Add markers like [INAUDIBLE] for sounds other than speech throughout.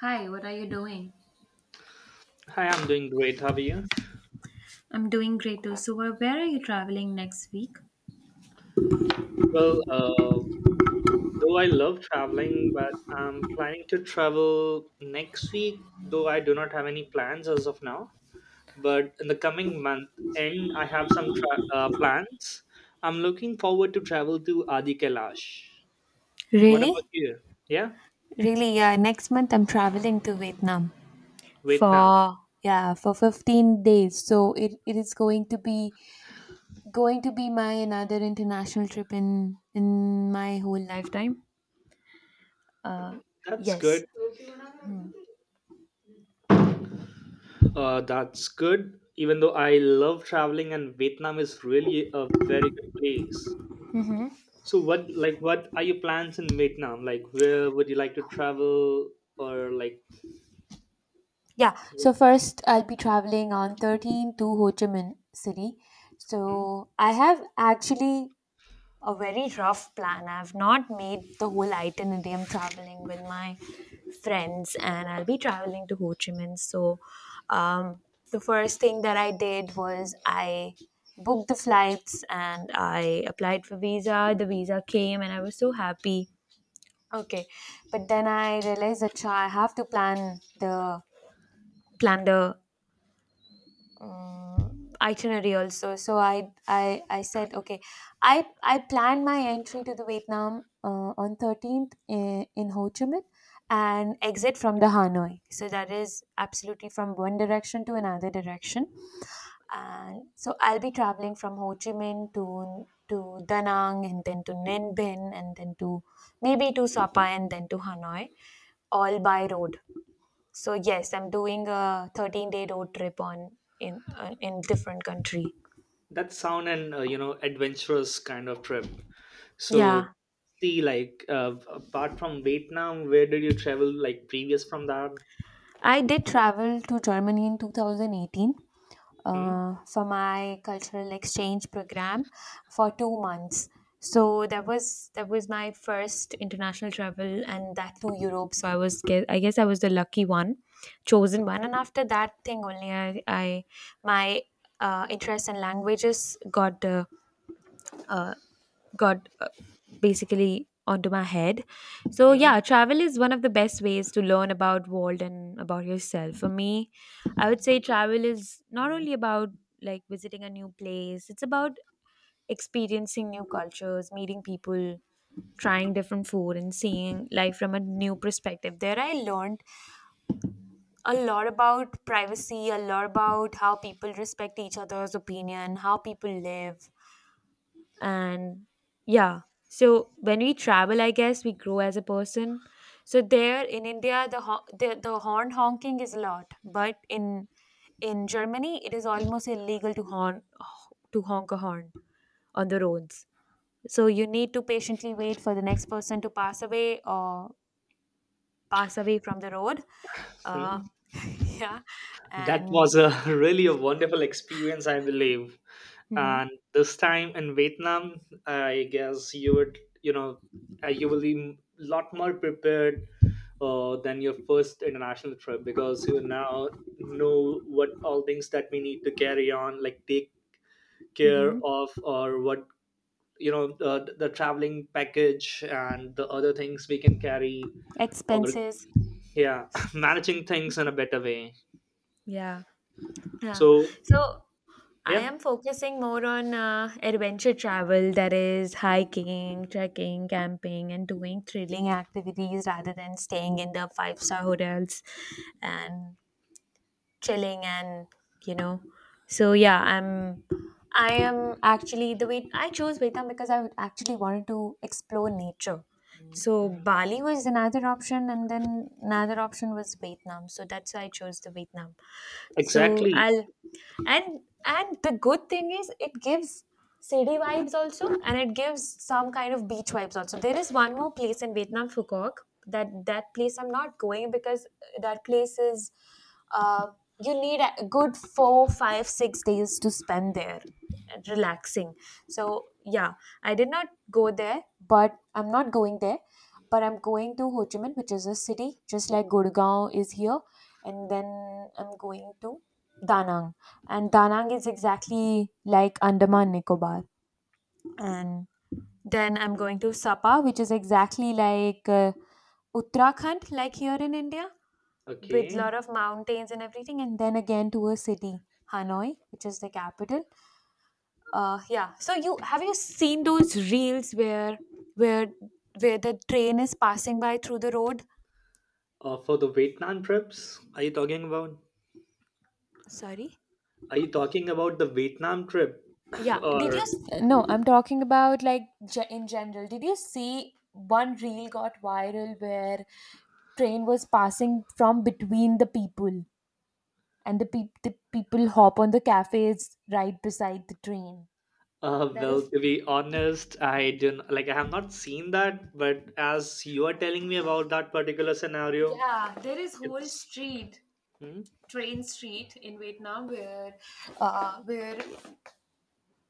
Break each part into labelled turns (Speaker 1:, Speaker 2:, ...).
Speaker 1: Hi, what are you doing?
Speaker 2: Hi, I'm doing great. How are you?
Speaker 1: I'm doing great too. So, where are you traveling next week?
Speaker 2: Well, though I love traveling, but I'm planning to travel next week, though I do not have any plans as of now. But in the coming month end, I have some plans. I'm looking forward to travel to Adi Kailash. What about
Speaker 1: Really?
Speaker 2: you? Yeah,
Speaker 1: Really, yeah. Next month I'm traveling to Vietnam
Speaker 2: Vietnam.
Speaker 1: for yeah, for 15 days. So it is going to be my another international trip in my whole lifetime.
Speaker 2: That's good.
Speaker 1: Yes.
Speaker 2: That's good. Even though I love traveling, and Vietnam is really a very good place. So what are your plans in Vietnam? Like where would you like to travel or like
Speaker 1: Yeah. So first I'll be traveling on 13 to Ho Chi Minh City.
Speaker 2: hmm?
Speaker 1: So I have actually a very rough plan. I've not made the whole itinerary. I'm traveling with my friends and I'll be traveling to Ho Chi Minh. So, um, the first thing that I did was I booked the flights and I applied for visa. The visa came and I was so happy. Okay, but then I realized that cha, I have to plan the uh, itinerary also. So I said okay. I planned my entry to the Vietnam on 13th in Ho Chi Minh and exit from the Hanoi, so that is absolutely from one direction to another direction. And so I'll be traveling from Ho Chi Minh to Da Nang and then to Ninh Bình and then to maybe to Sapa and then to Hanoi, all by road. So yes, I'm doing a 13-day road trip on in different country.
Speaker 2: That sound an adventurous kind of trip. So
Speaker 1: Yeah,
Speaker 2: see like apart from Vietnam, where did you travel like previous from that?
Speaker 1: I did travel to Germany in 2018
Speaker 2: Hmm?
Speaker 1: for my cultural exchange program for 2 months. So that was my first international travel, and that to Europe. So I was I guess I was the lucky one, chosen one. And
Speaker 2: Okay.
Speaker 1: after that thing only, I my interest in languages uh, got basically onto my head. So
Speaker 2: Hmm?
Speaker 1: yeah, travel is one of the best ways to learn about world and about yourself. For me, I would say travel is not only about like visiting a new place, it's about experiencing new cultures, meeting people, trying different food and seeing life from a new perspective. There I learned a lot about privacy, a lot about how people respect each other's opinion, how people live, and yeah. So when we travel, I guess we grow as a person. So there in India, the horn honking is a lot, but in Germany it is almost illegal to horn, to honk a horn on the roads. So you need to patiently wait for the next person to pass away or pass away from the road.
Speaker 2: Hmm?
Speaker 1: uh [LAUGHS] yeah.
Speaker 2: That
Speaker 1: And
Speaker 2: was a [LAUGHS] really a wonderful experience, I believe.
Speaker 1: hmm.
Speaker 2: And this time in Vietnam, I guess you would you know you will be a lot more prepared than your first international trip because you now know what all things that we need to carry on, like take care
Speaker 1: Hmm.
Speaker 2: of, or what the traveling package and the other things we can carry, or
Speaker 1: Expenses.
Speaker 2: yeah, [LAUGHS] managing things in a better way.
Speaker 1: Yeah. Yeah.
Speaker 2: So
Speaker 1: So I
Speaker 2: yeah,
Speaker 1: am focusing more on adventure travel, that is, hiking, trekking, camping, and doing thrilling activities rather than staying in the five-star hotels and chilling and, you know. So, yeah, I'm. I am actually the way I chose Vietnam because I would actually wanted to explore nature. So Bali was another option, and then another option was Vietnam. So that's why I chose the Vietnam. So
Speaker 2: exactly.
Speaker 1: I'll And the good thing is it gives city vibes also, and it gives some kind of beach vibes also. There is one more place in Vietnam, Phu Quoc. That place I'm not going because that place is uh, you need a good 4 5 6 days to spend there and relaxing. So yeah, I did not go there, but I'm not going there. But I'm going to Ho Chi Minh, which is a city just like Gurgaon is here. And then I'm going to Da Nang, and Danang is exactly like Andaman Nicobar. And then I'm going to Sapa, which is exactly like Uttarakhand, like here in India, with
Speaker 2: Okay.
Speaker 1: lot of mountains and everything. And then again to a city, Hanoi, which is the capital. Yeah. So you seen those reels where where where the train is passing by through the road?
Speaker 2: For the Vietnam trips, are you talking about?
Speaker 1: Sorry.
Speaker 2: Are you talking about the Vietnam trip
Speaker 1: Yeah. Did you?
Speaker 2: or?
Speaker 1: No, I'm talking about like in general. Did you see one reel got viral where train was passing from between the people and the people hop on the cafes right beside the train? That
Speaker 2: Well,
Speaker 1: is,
Speaker 2: to be honest, I didn't like I have not seen that, but as you are telling me about that particular scenario,
Speaker 1: yeah, there is whole
Speaker 2: it's
Speaker 1: street,
Speaker 2: hmm,
Speaker 1: train street in Vietnam where, uh, where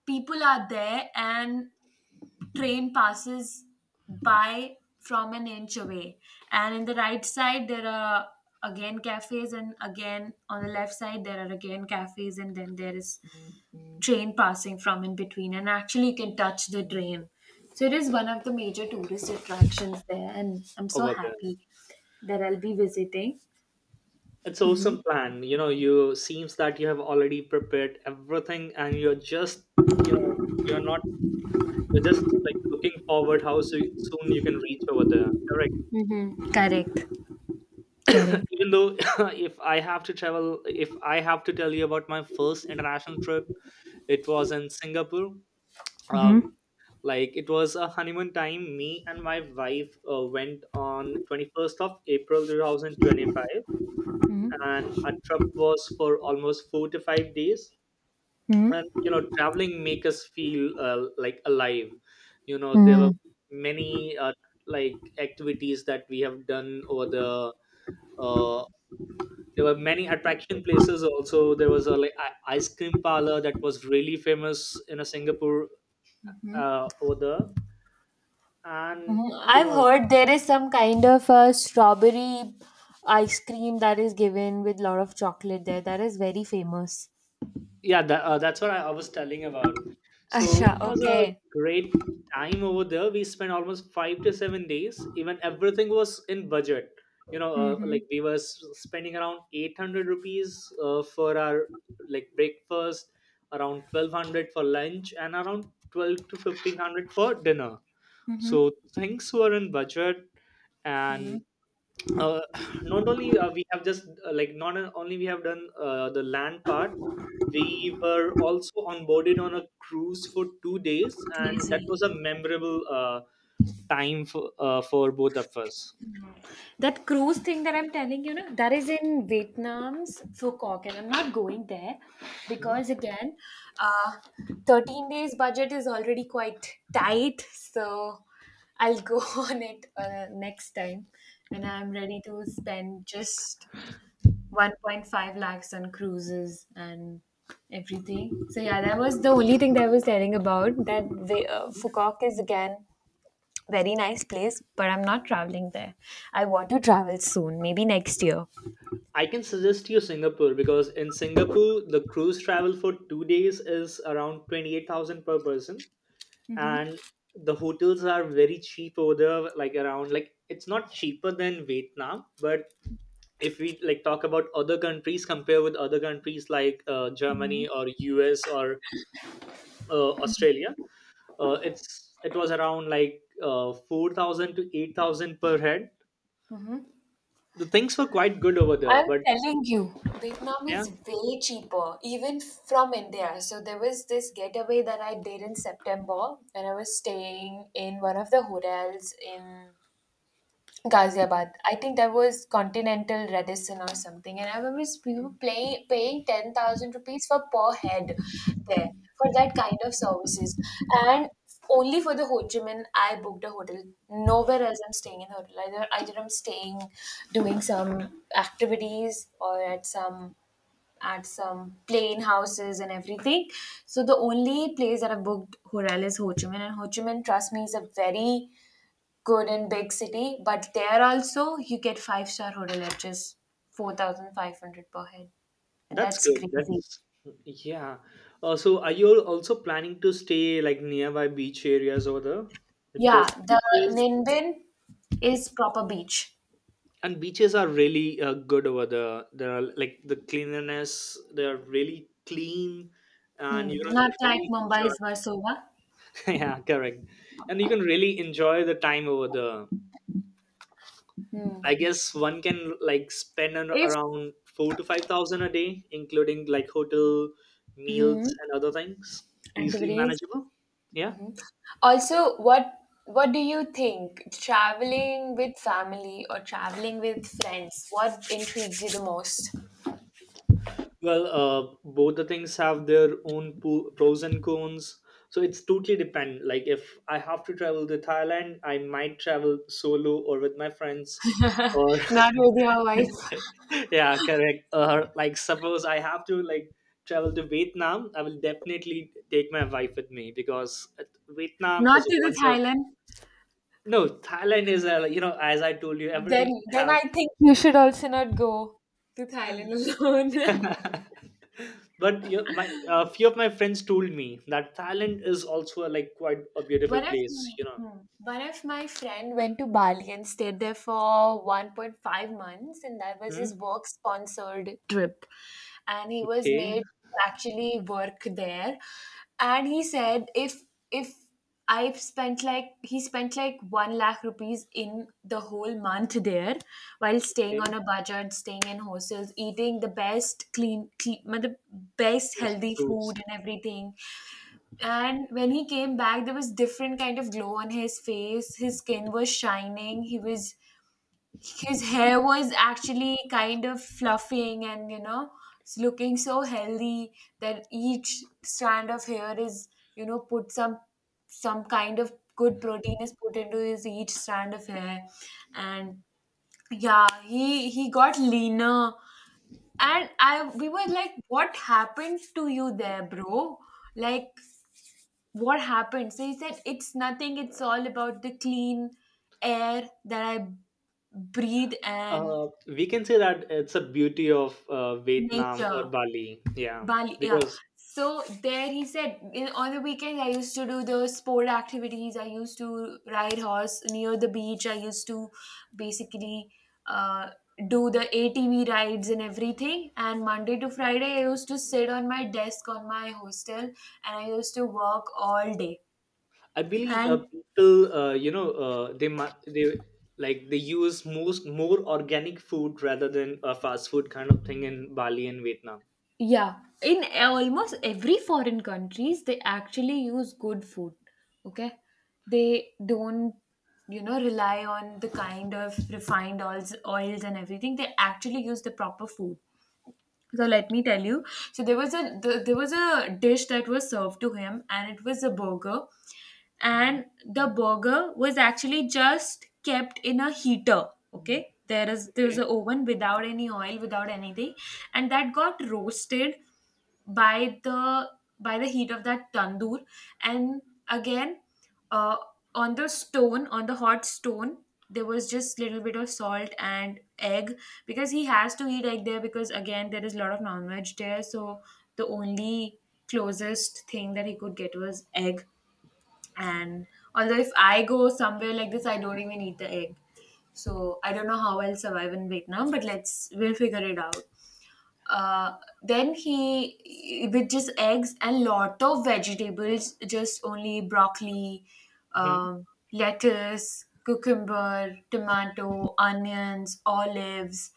Speaker 1: people are there and train passes by from an inch away. And in the right side, there are again cafes, and again on the left side, there are again cafes, and then there is train passing from in between. And actually, you can touch the train. So it is one of the major tourist attractions there, and I'm so
Speaker 2: over there.
Speaker 1: happy that I'll be visiting.
Speaker 2: It's awesome plan. You know, you seems that you have already prepared everything, and you're just you know you're not you're just like looking forward how soon you can reach over there. Correct.
Speaker 1: Mm-hmm. Correct. Correct.
Speaker 2: [LAUGHS] Even though [LAUGHS] if I have to travel, if I have to tell you about my first international trip, it was in Singapore. Uh, like it was a honeymoon time me and my wife went on 21st of april 2025, and our trip was for almost 4 to 5 days. And you know, traveling make us feel like alive. There were
Speaker 1: Mm-hmm.
Speaker 2: many like activities that we have done over the uh, there were many attraction places. Also, there was a like ice cream parlor that was really famous in a singapore, over there, and
Speaker 1: Mhm.
Speaker 2: you
Speaker 1: I've
Speaker 2: know
Speaker 1: heard there is some kind of a strawberry ice cream that is given with lot of chocolate there. That is very famous.
Speaker 2: Yeah, that, that's what I was telling about.
Speaker 1: [LAUGHS]
Speaker 2: So
Speaker 1: Asha,
Speaker 2: it was a
Speaker 1: okay.
Speaker 2: great time over there. We spent almost 5 to 7 days. Even everything was in budget. You know, like we were spending around 800 rupees for our like breakfast, around 1200 for lunch, and around 12 to 1500 for dinner. So things were in budget.
Speaker 1: Mhm.
Speaker 2: And uh, [SIGHS] not only we have just, like not only we have done the land part, we were also onboarded on a cruise for 2 days. And that
Speaker 1: Crazy.
Speaker 2: was a memorable time for both of us.
Speaker 1: That cruise thing that I'm telling you, know, that is in Vietnam's Phu Quoc, and I'm not going there
Speaker 2: Mhm.
Speaker 1: because again, uh, 13 days budget is already quite tight. So I'll go [LAUGHS] on it next time when I'm ready to spend just 1.5 lakhs on cruises and everything. So yeah, that was the only thing that I was telling about that the, Fukuoka is again very nice place, but I'm not traveling there. I want to travel soon, maybe next year.
Speaker 2: I can suggest you singapore, because in singapore the cruise travel for 2 days is around 28,000 per person. And the hotels are very cheap over there, like around, like it's not cheaper than vietnam, but if we like talk about other countries, compare with other countries, like germany or us or australia, it was around like 4000 to 8000 per head. The things were quite good over there,
Speaker 1: I'm
Speaker 2: but
Speaker 1: telling you, Vietnam
Speaker 2: yeah,
Speaker 1: is way cheaper, even from India. So there was this getaway that I did in September, and I was staying in one of the hotels in Ghaziabad. I think that was Continental Radisson or something, and I remember we were paying 10,000 rupees for per head there for that kind of services, and only for the Ho Chi Minh I booked a hotel. Nowhere else I'm staying in a hotel. Either I'm staying, doing some activities or at some plain houses and everything. So the only place that I booked hotel is Ho Chi Minh, and Ho Chi Minh, trust me, is a very good in big city, but there also you get five-star hotel at just 4,500 per head. And
Speaker 2: that's
Speaker 1: that's
Speaker 2: good.
Speaker 1: crazy.
Speaker 2: That's yeah. So are you also planning to stay like nearby beach areas over there?
Speaker 1: Yeah,
Speaker 2: Because the
Speaker 1: the
Speaker 2: beaches
Speaker 1: Ninbin is proper beach.
Speaker 2: and beaches are really good over there. There are like the cleanliness. They are really clean, and
Speaker 1: Hmm,
Speaker 2: you know,
Speaker 1: not like
Speaker 2: really enjoy.
Speaker 1: Mumbai's Versova.
Speaker 2: [LAUGHS] Yeah, correct. And you can really enjoy the time over there. I guess one can like spend an,
Speaker 1: If
Speaker 2: around four to five thousand a day, including like hotel, meals, and other things. Easily
Speaker 1: activities.
Speaker 2: manageable. Yeah.
Speaker 1: Also, what do you think? Traveling with family or traveling with friends? What intrigues you the most?
Speaker 2: Well, both the things have their own pros and cons. So it's totally depend. Like if I have to travel to Thailand, I might travel solo or with my friends. Or
Speaker 1: Not with your wife.
Speaker 2: [LAUGHS] yeah, correct. Or like suppose I have to like travel to Vietnam, I will definitely take my wife with me, because Vietnam
Speaker 1: Not
Speaker 2: is a
Speaker 1: to the
Speaker 2: wonder.
Speaker 1: Thailand.
Speaker 2: No, Thailand is a you know, as I told you, everything
Speaker 1: Then
Speaker 2: have.
Speaker 1: I think you should also not go to Thailand [LAUGHS] alone.
Speaker 2: [LAUGHS] But you know, my a few of my friends told me that Thailand is also like quite a beautiful
Speaker 1: One of
Speaker 2: place. You know.
Speaker 1: hmm, one of my friend went to Bali and stayed there for 1.5 months, and that was
Speaker 2: Hmm?
Speaker 1: his work sponsored trip. And he was
Speaker 2: Okay.
Speaker 1: made to actually work there. And he said, if I've spent like he spent like 1 lakh rupees in the whole month there, while staying on
Speaker 2: Okay.
Speaker 1: a budget, staying in hostels, eating the best clean, the best
Speaker 2: Yes.
Speaker 1: healthy
Speaker 2: Fruits.
Speaker 1: food and everything. And when he came back, there was different kind of glow on his face. His skin was shining. He was His hair was actually kind of fluffing, and you know, it's looking so healthy that each strand of hair is, you know, put some. Some kind of good protein is put into his each strand of hair. And yeah, he got leaner. And I, we were like, what happened to you there, bro? Like what happened? So he said, it's nothing. It's all about the clean air that I breathe, and
Speaker 2: We can say that it's a beauty of Vietnam
Speaker 1: nature.
Speaker 2: or Bali. Yeah,
Speaker 1: Bali, yeah.
Speaker 2: because
Speaker 1: So there he said in, on the weekend I used to do those sport activities. I used to ride horse near the beach. I used to basically uh, do the ATV rides and everything. And Monday to Friday, I used to sit on my desk on my hostel, and I used to work all day.
Speaker 2: I believe
Speaker 1: And
Speaker 2: people, they mu- they like they use most more organic food rather than a fast food kind of thing in Bali and Vietnam.
Speaker 1: yeah, in almost every foreign countries, they actually use good food. Okay, they don't, you know, rely on the kind of refined oils, and everything. They actually use the proper food. So let me tell you. So there was there was a dish that was served to him, and it was a burger. And the burger was actually just kept in a heater. Okay, there's
Speaker 2: Okay.
Speaker 1: an oven without any oil, without anything. And that got roasted by the by the heat of that tandoor. And again, uh, on the stone, on the hot stone, there was just little bit of salt and egg, because he has to eat egg there, because again, there is a lot of non-veg there. So the only closest thing that he could get was egg. And although if I go somewhere like this, I don't even eat the egg. So I don't know how I'll survive in Vietnam, but let's we'll figure it out. Then he with just eggs and lot of vegetables, just only broccoli,
Speaker 2: Hmm.
Speaker 1: lettuce, cucumber, tomato, onions, olives,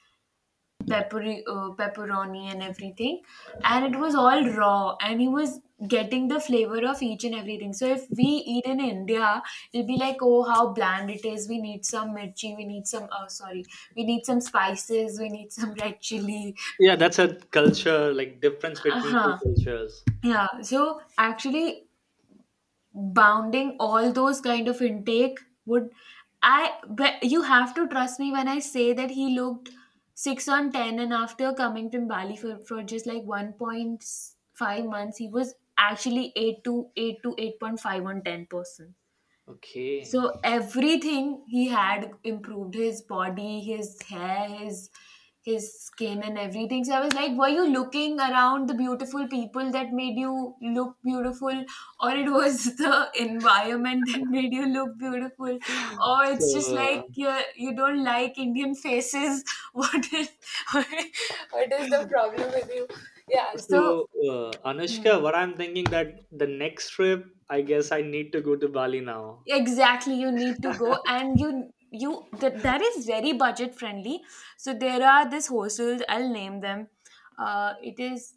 Speaker 1: peppery, pepperoni and everything. And it was all raw, and he was getting the flavor of each and everything. So if we eat in India, it'll be like, oh, how bland it is. We need some mirchi. We need some. Oh, sorry. We need some spices. We need some red chili.
Speaker 2: Yeah, that's a culture like difference
Speaker 1: Uh
Speaker 2: between two
Speaker 1: huh.
Speaker 2: cultures.
Speaker 1: Yeah, so actually, bounding all those kind of intake would I but you have to trust me when I say that he looked 6 on 10, and after coming to Bali for just like 1.5 months, he was actually 8 to 8.5 on 10%.
Speaker 2: Okay.
Speaker 1: So everything, he had improved his body, his hair, his skin and everything. So I was like, were you looking around the beautiful people that made you look beautiful? Or it was [LAUGHS] the environment that made you look beautiful?
Speaker 2: [LAUGHS]
Speaker 1: Or
Speaker 2: So,
Speaker 1: it's just like you don't like Indian faces. [LAUGHS] What is [LAUGHS] what is the problem with you? Yeah. So
Speaker 2: so,
Speaker 1: hmm.
Speaker 2: Anushka, what I'm thinking that the next trip, I guess I need to go to Bali now.
Speaker 1: Exactly, you need to go, and that is very budget friendly. So there are these hostels, I'll name them. Uh, it is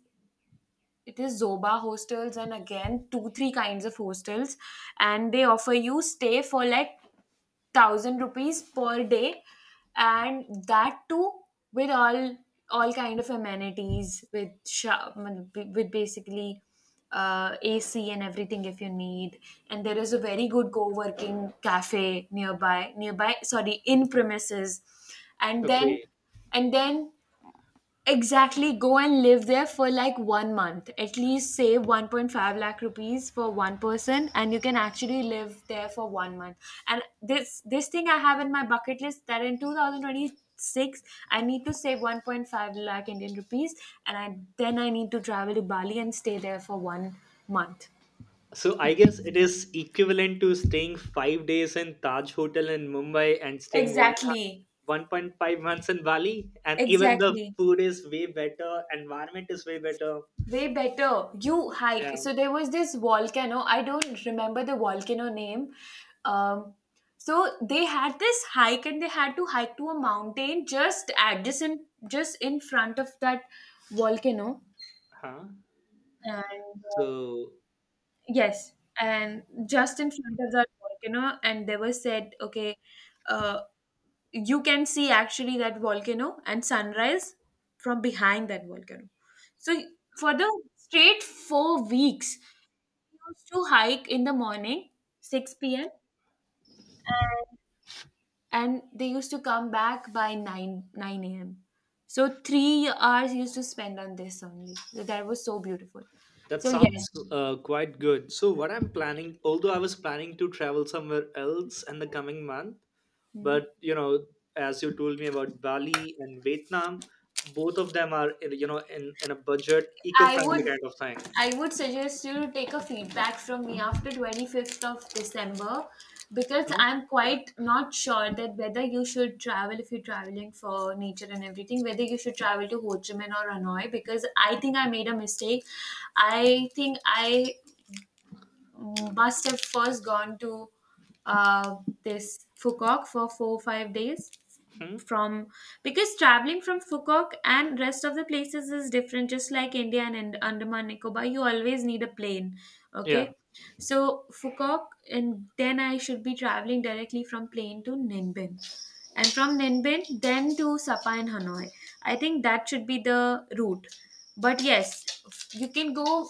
Speaker 1: it is Zoba Hostels, and again two three kinds of hostels, and they offer you stay for like thousand rupees per day, and that too with all kind of amenities, with basically AC and everything if you need. And there is a very good co-working cafe nearby, sorry, in premises. And
Speaker 2: Okay.
Speaker 1: then, exactly, go and live there for like one month. At least save 1.5 lakh rupees for one person, and you can actually live there for one month. And this thing I have in my bucket list, that in 2026 I need to save 1.5 lakh Indian rupees, and I then I need to travel to Bali and stay there for one month.
Speaker 2: So I
Speaker 1: Okay.
Speaker 2: guess it is equivalent to staying 5 days in Taj Hotel in Mumbai and staying one and a half,
Speaker 1: Exactly.
Speaker 2: 1.5 months in Bali. And even the
Speaker 1: Exactly.
Speaker 2: food is way better, environment is way better.
Speaker 1: Way better. You
Speaker 2: Yeah.
Speaker 1: hike. So there was this volcano. I don't remember the volcano name. Um, so they had this hike and they had to hike to a mountain just adjacent, just in front of that volcano.
Speaker 2: Huh?
Speaker 1: And
Speaker 2: So
Speaker 1: yes, and just in front of that volcano. And they were said, okay, uh, you can see actually that volcano and sunrise from behind that volcano. So for the straight 4 weeks, used to hike in the morning, 6 p.m., and they used to come back by 9 a.m. So 3 hours used to spend on this only. So that was so beautiful.
Speaker 2: that
Speaker 1: So yes.
Speaker 2: sounds quite good. So, what I'm planning, although I was planning to travel somewhere else in the coming month,
Speaker 1: Hmm.
Speaker 2: but you know, as you told me about Bali and Vietnam, both of them are, you know, in a budget, eco
Speaker 1: I would
Speaker 2: friendly kind of thing.
Speaker 1: I would suggest you to take a feedback from me after 25th of December, because
Speaker 2: Hmm.
Speaker 1: I'm quite not sure that whether you should travel, if you're traveling for nature and everything, whether you should travel to Ho Chi Minh or Hanoi, because I think I made a mistake. I think I must have first gone to uh, this Fukok for four five days
Speaker 2: Hmm?
Speaker 1: from, because traveling from Fukok and rest of the places is different. Just like India and Andaman Nicobar, you always need a plane.
Speaker 2: Yeah.
Speaker 1: Okay, so Fukok, and then I should be traveling directly from plane to Ninbin, and from Ninbin then to Sapa and Hanoi. I think that should be the route. But yes, you can go.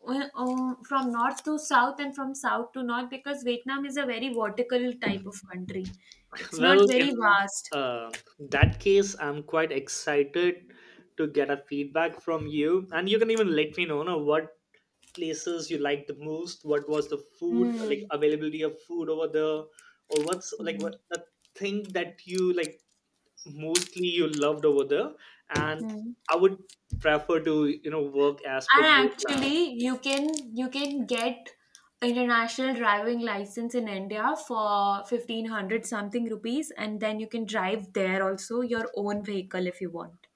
Speaker 1: Well, from north to south and from south to north, because Vietnam is a very vertical type of country. It's not
Speaker 2: Well,
Speaker 1: very
Speaker 2: in
Speaker 1: vast.
Speaker 2: uh, that case, I'm quite excited to get a feedback from you. And you can even let me know what places you liked the most. What was the food like,
Speaker 1: Mm-hmm.
Speaker 2: availability of food over there, or what's like what the thing that you like mostly you loved over there? And
Speaker 1: And
Speaker 2: I would prefer to work as per your plan.
Speaker 1: actually, you can get international driving license in India for 1500 something rupees, and then you can drive there also your own vehicle if you want.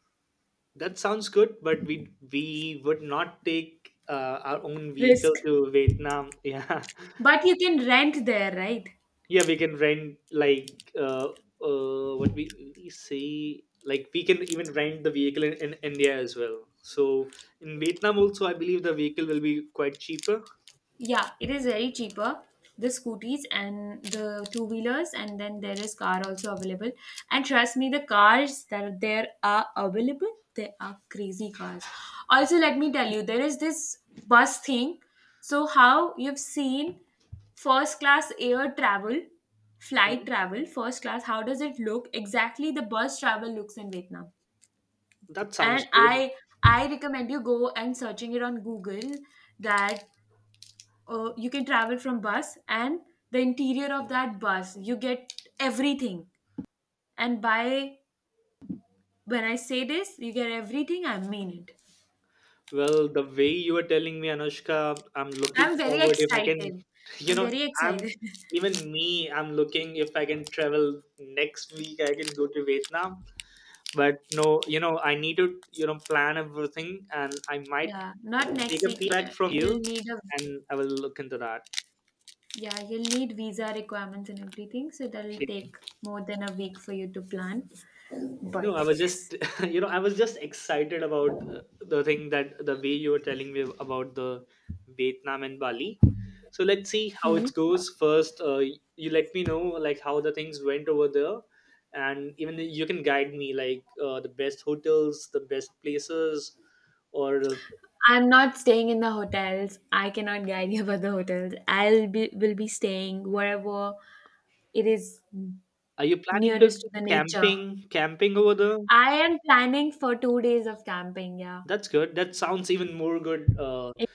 Speaker 2: That sounds good, but we would not take our own
Speaker 1: Risk.
Speaker 2: vehicle to Vietnam. [LAUGHS] Yeah.
Speaker 1: But you can rent there, right?
Speaker 2: Yeah, we can rent like what we say, like we can even rent the vehicle in india as well. So in vietnam also, I believe the vehicle will be quite cheaper.
Speaker 1: Yeah, it is very cheaper. The scooters and the two wheelers, and then there is car also available. And trust me, the cars that are there are available, they are crazy cars. Also, let me tell you, there is this bus thing. So, how you've seen first class air travel, flight
Speaker 2: Hmm,
Speaker 1: travel, first class, how does it look? Exactly the bus travel looks in Vietnam.
Speaker 2: that
Speaker 1: And
Speaker 2: sounds good.
Speaker 1: I recommend you go and searching it on Google, that you can travel from bus, and the interior of that bus you get everything. And by when I say this you get everything, I mean it.
Speaker 2: Well, the way you are telling me, anushka, I'm looking
Speaker 1: I'm very
Speaker 2: forward if I can
Speaker 1: excited.
Speaker 2: [LAUGHS] you
Speaker 1: I'm
Speaker 2: know
Speaker 1: very
Speaker 2: I'm
Speaker 1: excited.
Speaker 2: even me, I'm looking if I can travel next week, I can go to vietnam. But no, you know, I need to plan everything. And I
Speaker 1: [LAUGHS]
Speaker 2: might
Speaker 1: Yeah, not
Speaker 2: take
Speaker 1: next
Speaker 2: a
Speaker 1: week.
Speaker 2: feedback from you,
Speaker 1: You'll need a,
Speaker 2: and I will look into that.
Speaker 1: yeah, you'll need visa requirements and everything, so that'll
Speaker 2: Okay.
Speaker 1: take more than a week for you to plan. But
Speaker 2: No, I was
Speaker 1: yes,
Speaker 2: just [LAUGHS] I was just excited about the thing, that the way you were telling me about the vietnam and bali. So let's see how it goes first. You let me know like how the things went over there. And even you can guide me like the best hotels, the best places, or
Speaker 1: I'm not staying in the hotels. I cannot guide you about the hotels. I'll be staying wherever it is,
Speaker 2: are you planning to
Speaker 1: nearest to the nature.
Speaker 2: camping camping over there?
Speaker 1: I am planning for 2 days of camping, yeah.
Speaker 2: That's good. That sounds even more good.
Speaker 1: In,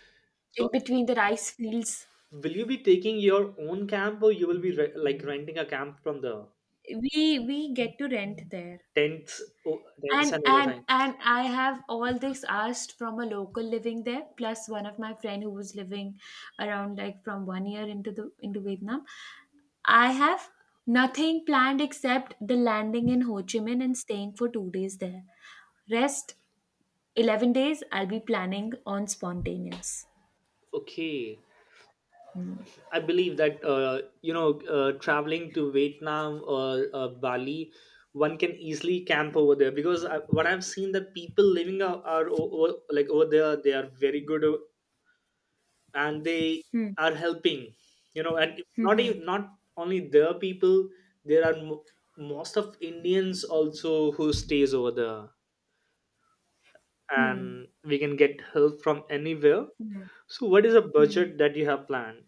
Speaker 1: in
Speaker 2: So
Speaker 1: between the rice fields.
Speaker 2: will you be taking your own camp, or you will be like renting a camp from the
Speaker 1: We get to rent there.
Speaker 2: tents? Oh, tents
Speaker 1: And
Speaker 2: and other things.
Speaker 1: I have all this asked from a local living there, plus one of my friend who was living around like from one year into Vietnam. I have nothing planned except the landing in Ho Chi Minh and staying for 2 days there. Rest 11 days I'll be planning on spontaneous.
Speaker 2: Okay, I believe that traveling to vietnam or bali, one can easily camp over there. Because I, what I've seen, that people living are like over there, they are very good. And they
Speaker 1: Hmm.
Speaker 2: are helping, you know. And not even, not only their people, there are most of indians also who stays over there, and we can get help from anywhere. So, what is a budget that you have planned?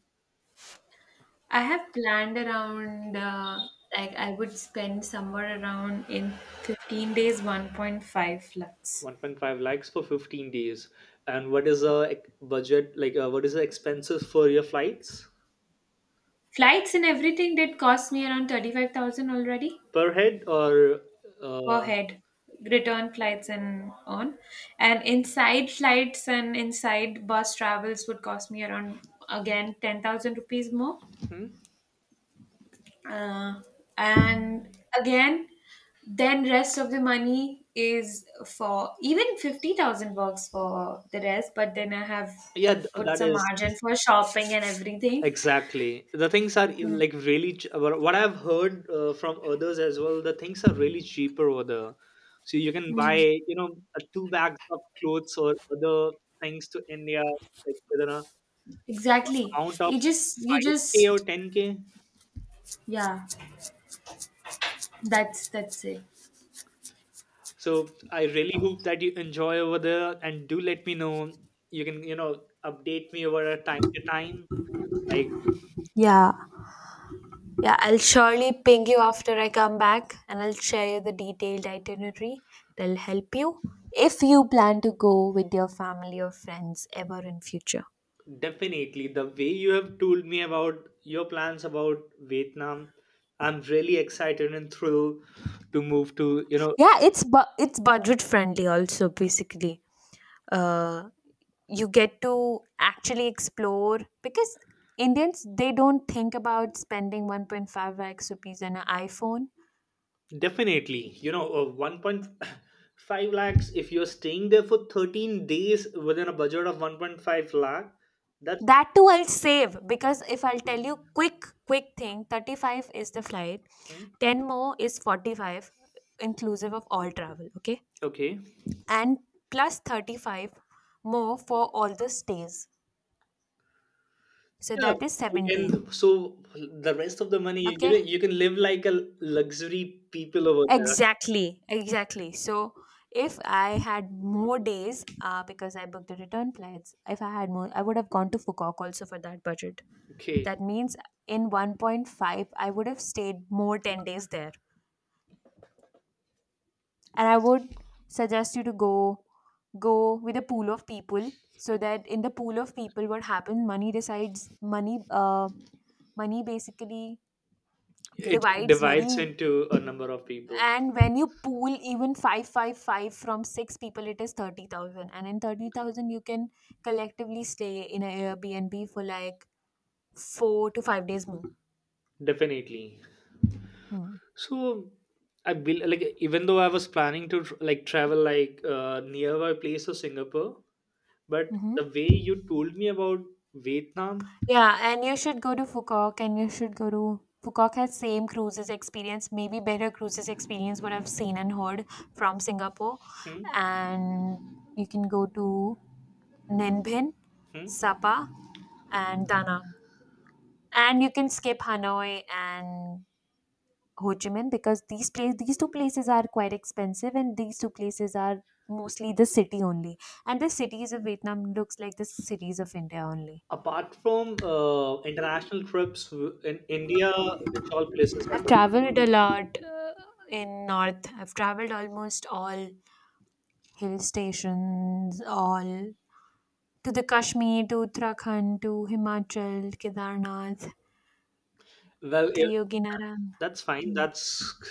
Speaker 1: I have planned around, like, I would spend somewhere around in 15 days, 1.5 flights.
Speaker 2: 1.5 lakhs for 15 days. And what is a budget like? What is the expenses for your flights
Speaker 1: Flights and everything did cost me around 35,000 already
Speaker 2: per head or?
Speaker 1: per
Speaker 2: Uh,
Speaker 1: head, return flights and on. And inside flights and inside bus travels would cost me around, again, 10,000 rupees more.
Speaker 2: hmm?
Speaker 1: uh, and again, then rest of the money is for even 50,000 works for the rest, but then I have
Speaker 2: Yeah,
Speaker 1: put
Speaker 2: that
Speaker 1: some
Speaker 2: is
Speaker 1: margin for shopping and everything.
Speaker 2: exactly. The things are like really what I've heard from others as well. The things are really cheaper over there. So you can buy, you know, two bags of clothes or other things to India, like within a
Speaker 1: Exactly.
Speaker 2: amount of
Speaker 1: you just you
Speaker 2: 5K or
Speaker 1: just
Speaker 2: 10K.
Speaker 1: yeah, that's that's it.
Speaker 2: So I really hope that you enjoy over there, and do let me know. You can update me over a time to time, like.
Speaker 1: Yeah, yeah, I'll surely ping you after I come back, and I'll share you the detailed itinerary that'll help you if you plan to go with your family or friends ever in future.
Speaker 2: Definitely, the way you have told me about your plans about vietnam, I'm really excited and thrilled to move to.
Speaker 1: Yeah, it's budget friendly also basically. Uh, you get to actually explore, because Indians they don't think about spending 1.5 lakhs rupees on an iPhone.
Speaker 2: Definitely, you know, 1.5 lakhs if you're staying there for 13 days, within a budget of 1.5 lakh, that's
Speaker 1: That too I'll save, because if I'll tell you quick thing, 35 is the flight, 10 more is 45 inclusive of all travel, okay?
Speaker 2: okay.
Speaker 1: And plus 35 more for all the stays. So
Speaker 2: Yeah,
Speaker 1: that is
Speaker 2: you
Speaker 1: 70.
Speaker 2: can. So the rest of the money, you
Speaker 1: Okay?
Speaker 2: know, you can live like a luxury people over there.
Speaker 1: Exactly, exactly. So if I had more days, because I booked the return flights, if I had more, I would have gone to Fukuoka also for that budget.
Speaker 2: Okay,
Speaker 1: That means in 1.5, I would have stayed more 10 days there. And I would suggest you to go with a pool of people, so that in the pool of people what happens, money decides, money basically
Speaker 2: it
Speaker 1: divides
Speaker 2: divides
Speaker 1: very.
Speaker 2: into a number of people,
Speaker 1: And when you pool even 555 from six people, it is 30,000. And in 30,000, you can collectively stay in an Airbnb for like 4 to 5 days more.
Speaker 2: definitely.
Speaker 1: Hmm.
Speaker 2: So I built like, even though I was planning to like travel like nearby place of Singapore, but
Speaker 1: Hmm.
Speaker 2: the way you told me about Vietnam,
Speaker 1: Yeah, and you should go to Fukok, and you should go to Fukok has same cruises experience, maybe better cruises experience what I've seen and heard from Singapore.
Speaker 2: hmm,
Speaker 1: And you can go to Ninbin,
Speaker 2: hmm,
Speaker 1: Sapa and Danang, and you can skip Hanoi and Ho Chi Minh, because these two places are quite expensive, and these two places are mostly the city only, and the cities of Vietnam looks like the cities of India only.
Speaker 2: apart from international trips in India, which all places I have
Speaker 1: I've
Speaker 2: been
Speaker 1: traveled
Speaker 2: to?
Speaker 1: a lot in north. I've traveled almost all hill stations, all to the Kashmir, to Uttarakhand, to Himachal, Kedarnath,
Speaker 2: Well,
Speaker 1: Triyoginaran.
Speaker 2: that's fine. That's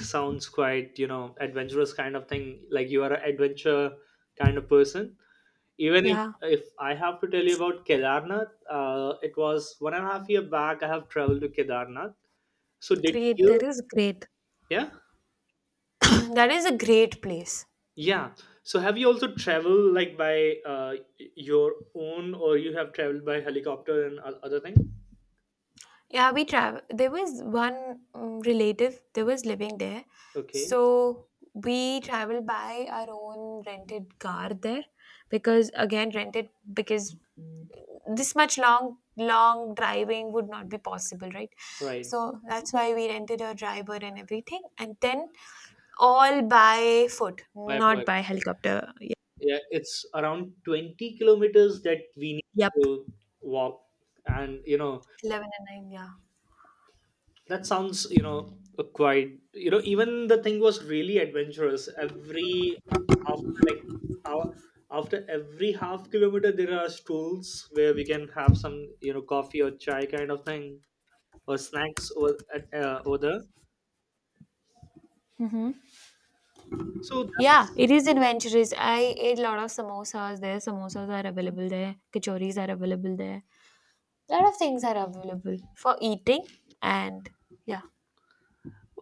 Speaker 2: sounds quite, you know, adventurous kind of thing. Like you are an adventure kind of person. Even if
Speaker 1: Yeah,
Speaker 2: if I have to tell you about Kedarnath, it was 1.5 years back. I have traveled to Kedarnath. So did
Speaker 1: great. That
Speaker 2: you?
Speaker 1: is great. [COUGHS]
Speaker 2: Yeah,
Speaker 1: [CLEARS THROAT] That is a great place.
Speaker 2: yeah. So have you also traveled like by your own, or you have traveled by helicopter and other thing?
Speaker 1: Yeah, we travel. There was one relative that was living there,
Speaker 2: Okay,
Speaker 1: so we travel by our own rented car there, because again rented, because this much long driving would not be possible, right?
Speaker 2: right.
Speaker 1: So that's why we rented a driver and everything, and then all by foot,
Speaker 2: By
Speaker 1: not
Speaker 2: bird.
Speaker 1: by helicopter.
Speaker 2: Yeah, it's around 20 kilometers that we need
Speaker 1: Yep,
Speaker 2: to walk. And, you know,
Speaker 1: 11 and nine. Yeah.
Speaker 2: that sounds, you know, quite, you know, even the thing was really adventurous. Every, after like, hour, after every half kilometer, there are stools where we can have some, you know, coffee or chai kind of thing, or snacks over, at, over there. So
Speaker 1: Yeah,
Speaker 2: that's
Speaker 1: it is adventurous. I ate a lot of samosas there. Samosas are available there. Kachoris are available there. A lot of things are available for eating, and yeah,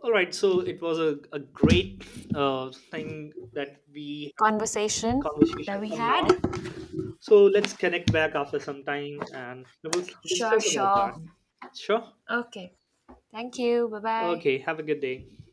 Speaker 2: all right. So it was a great thing that we have
Speaker 1: conversation that
Speaker 2: conversation
Speaker 1: we
Speaker 2: for
Speaker 1: had.
Speaker 2: now. So let's connect back after some time, and we'll
Speaker 1: Sure,
Speaker 2: discuss about that.
Speaker 1: sure.
Speaker 2: Sure.
Speaker 1: Okay. Thank you. Bye bye.
Speaker 2: Okay. Have a good day.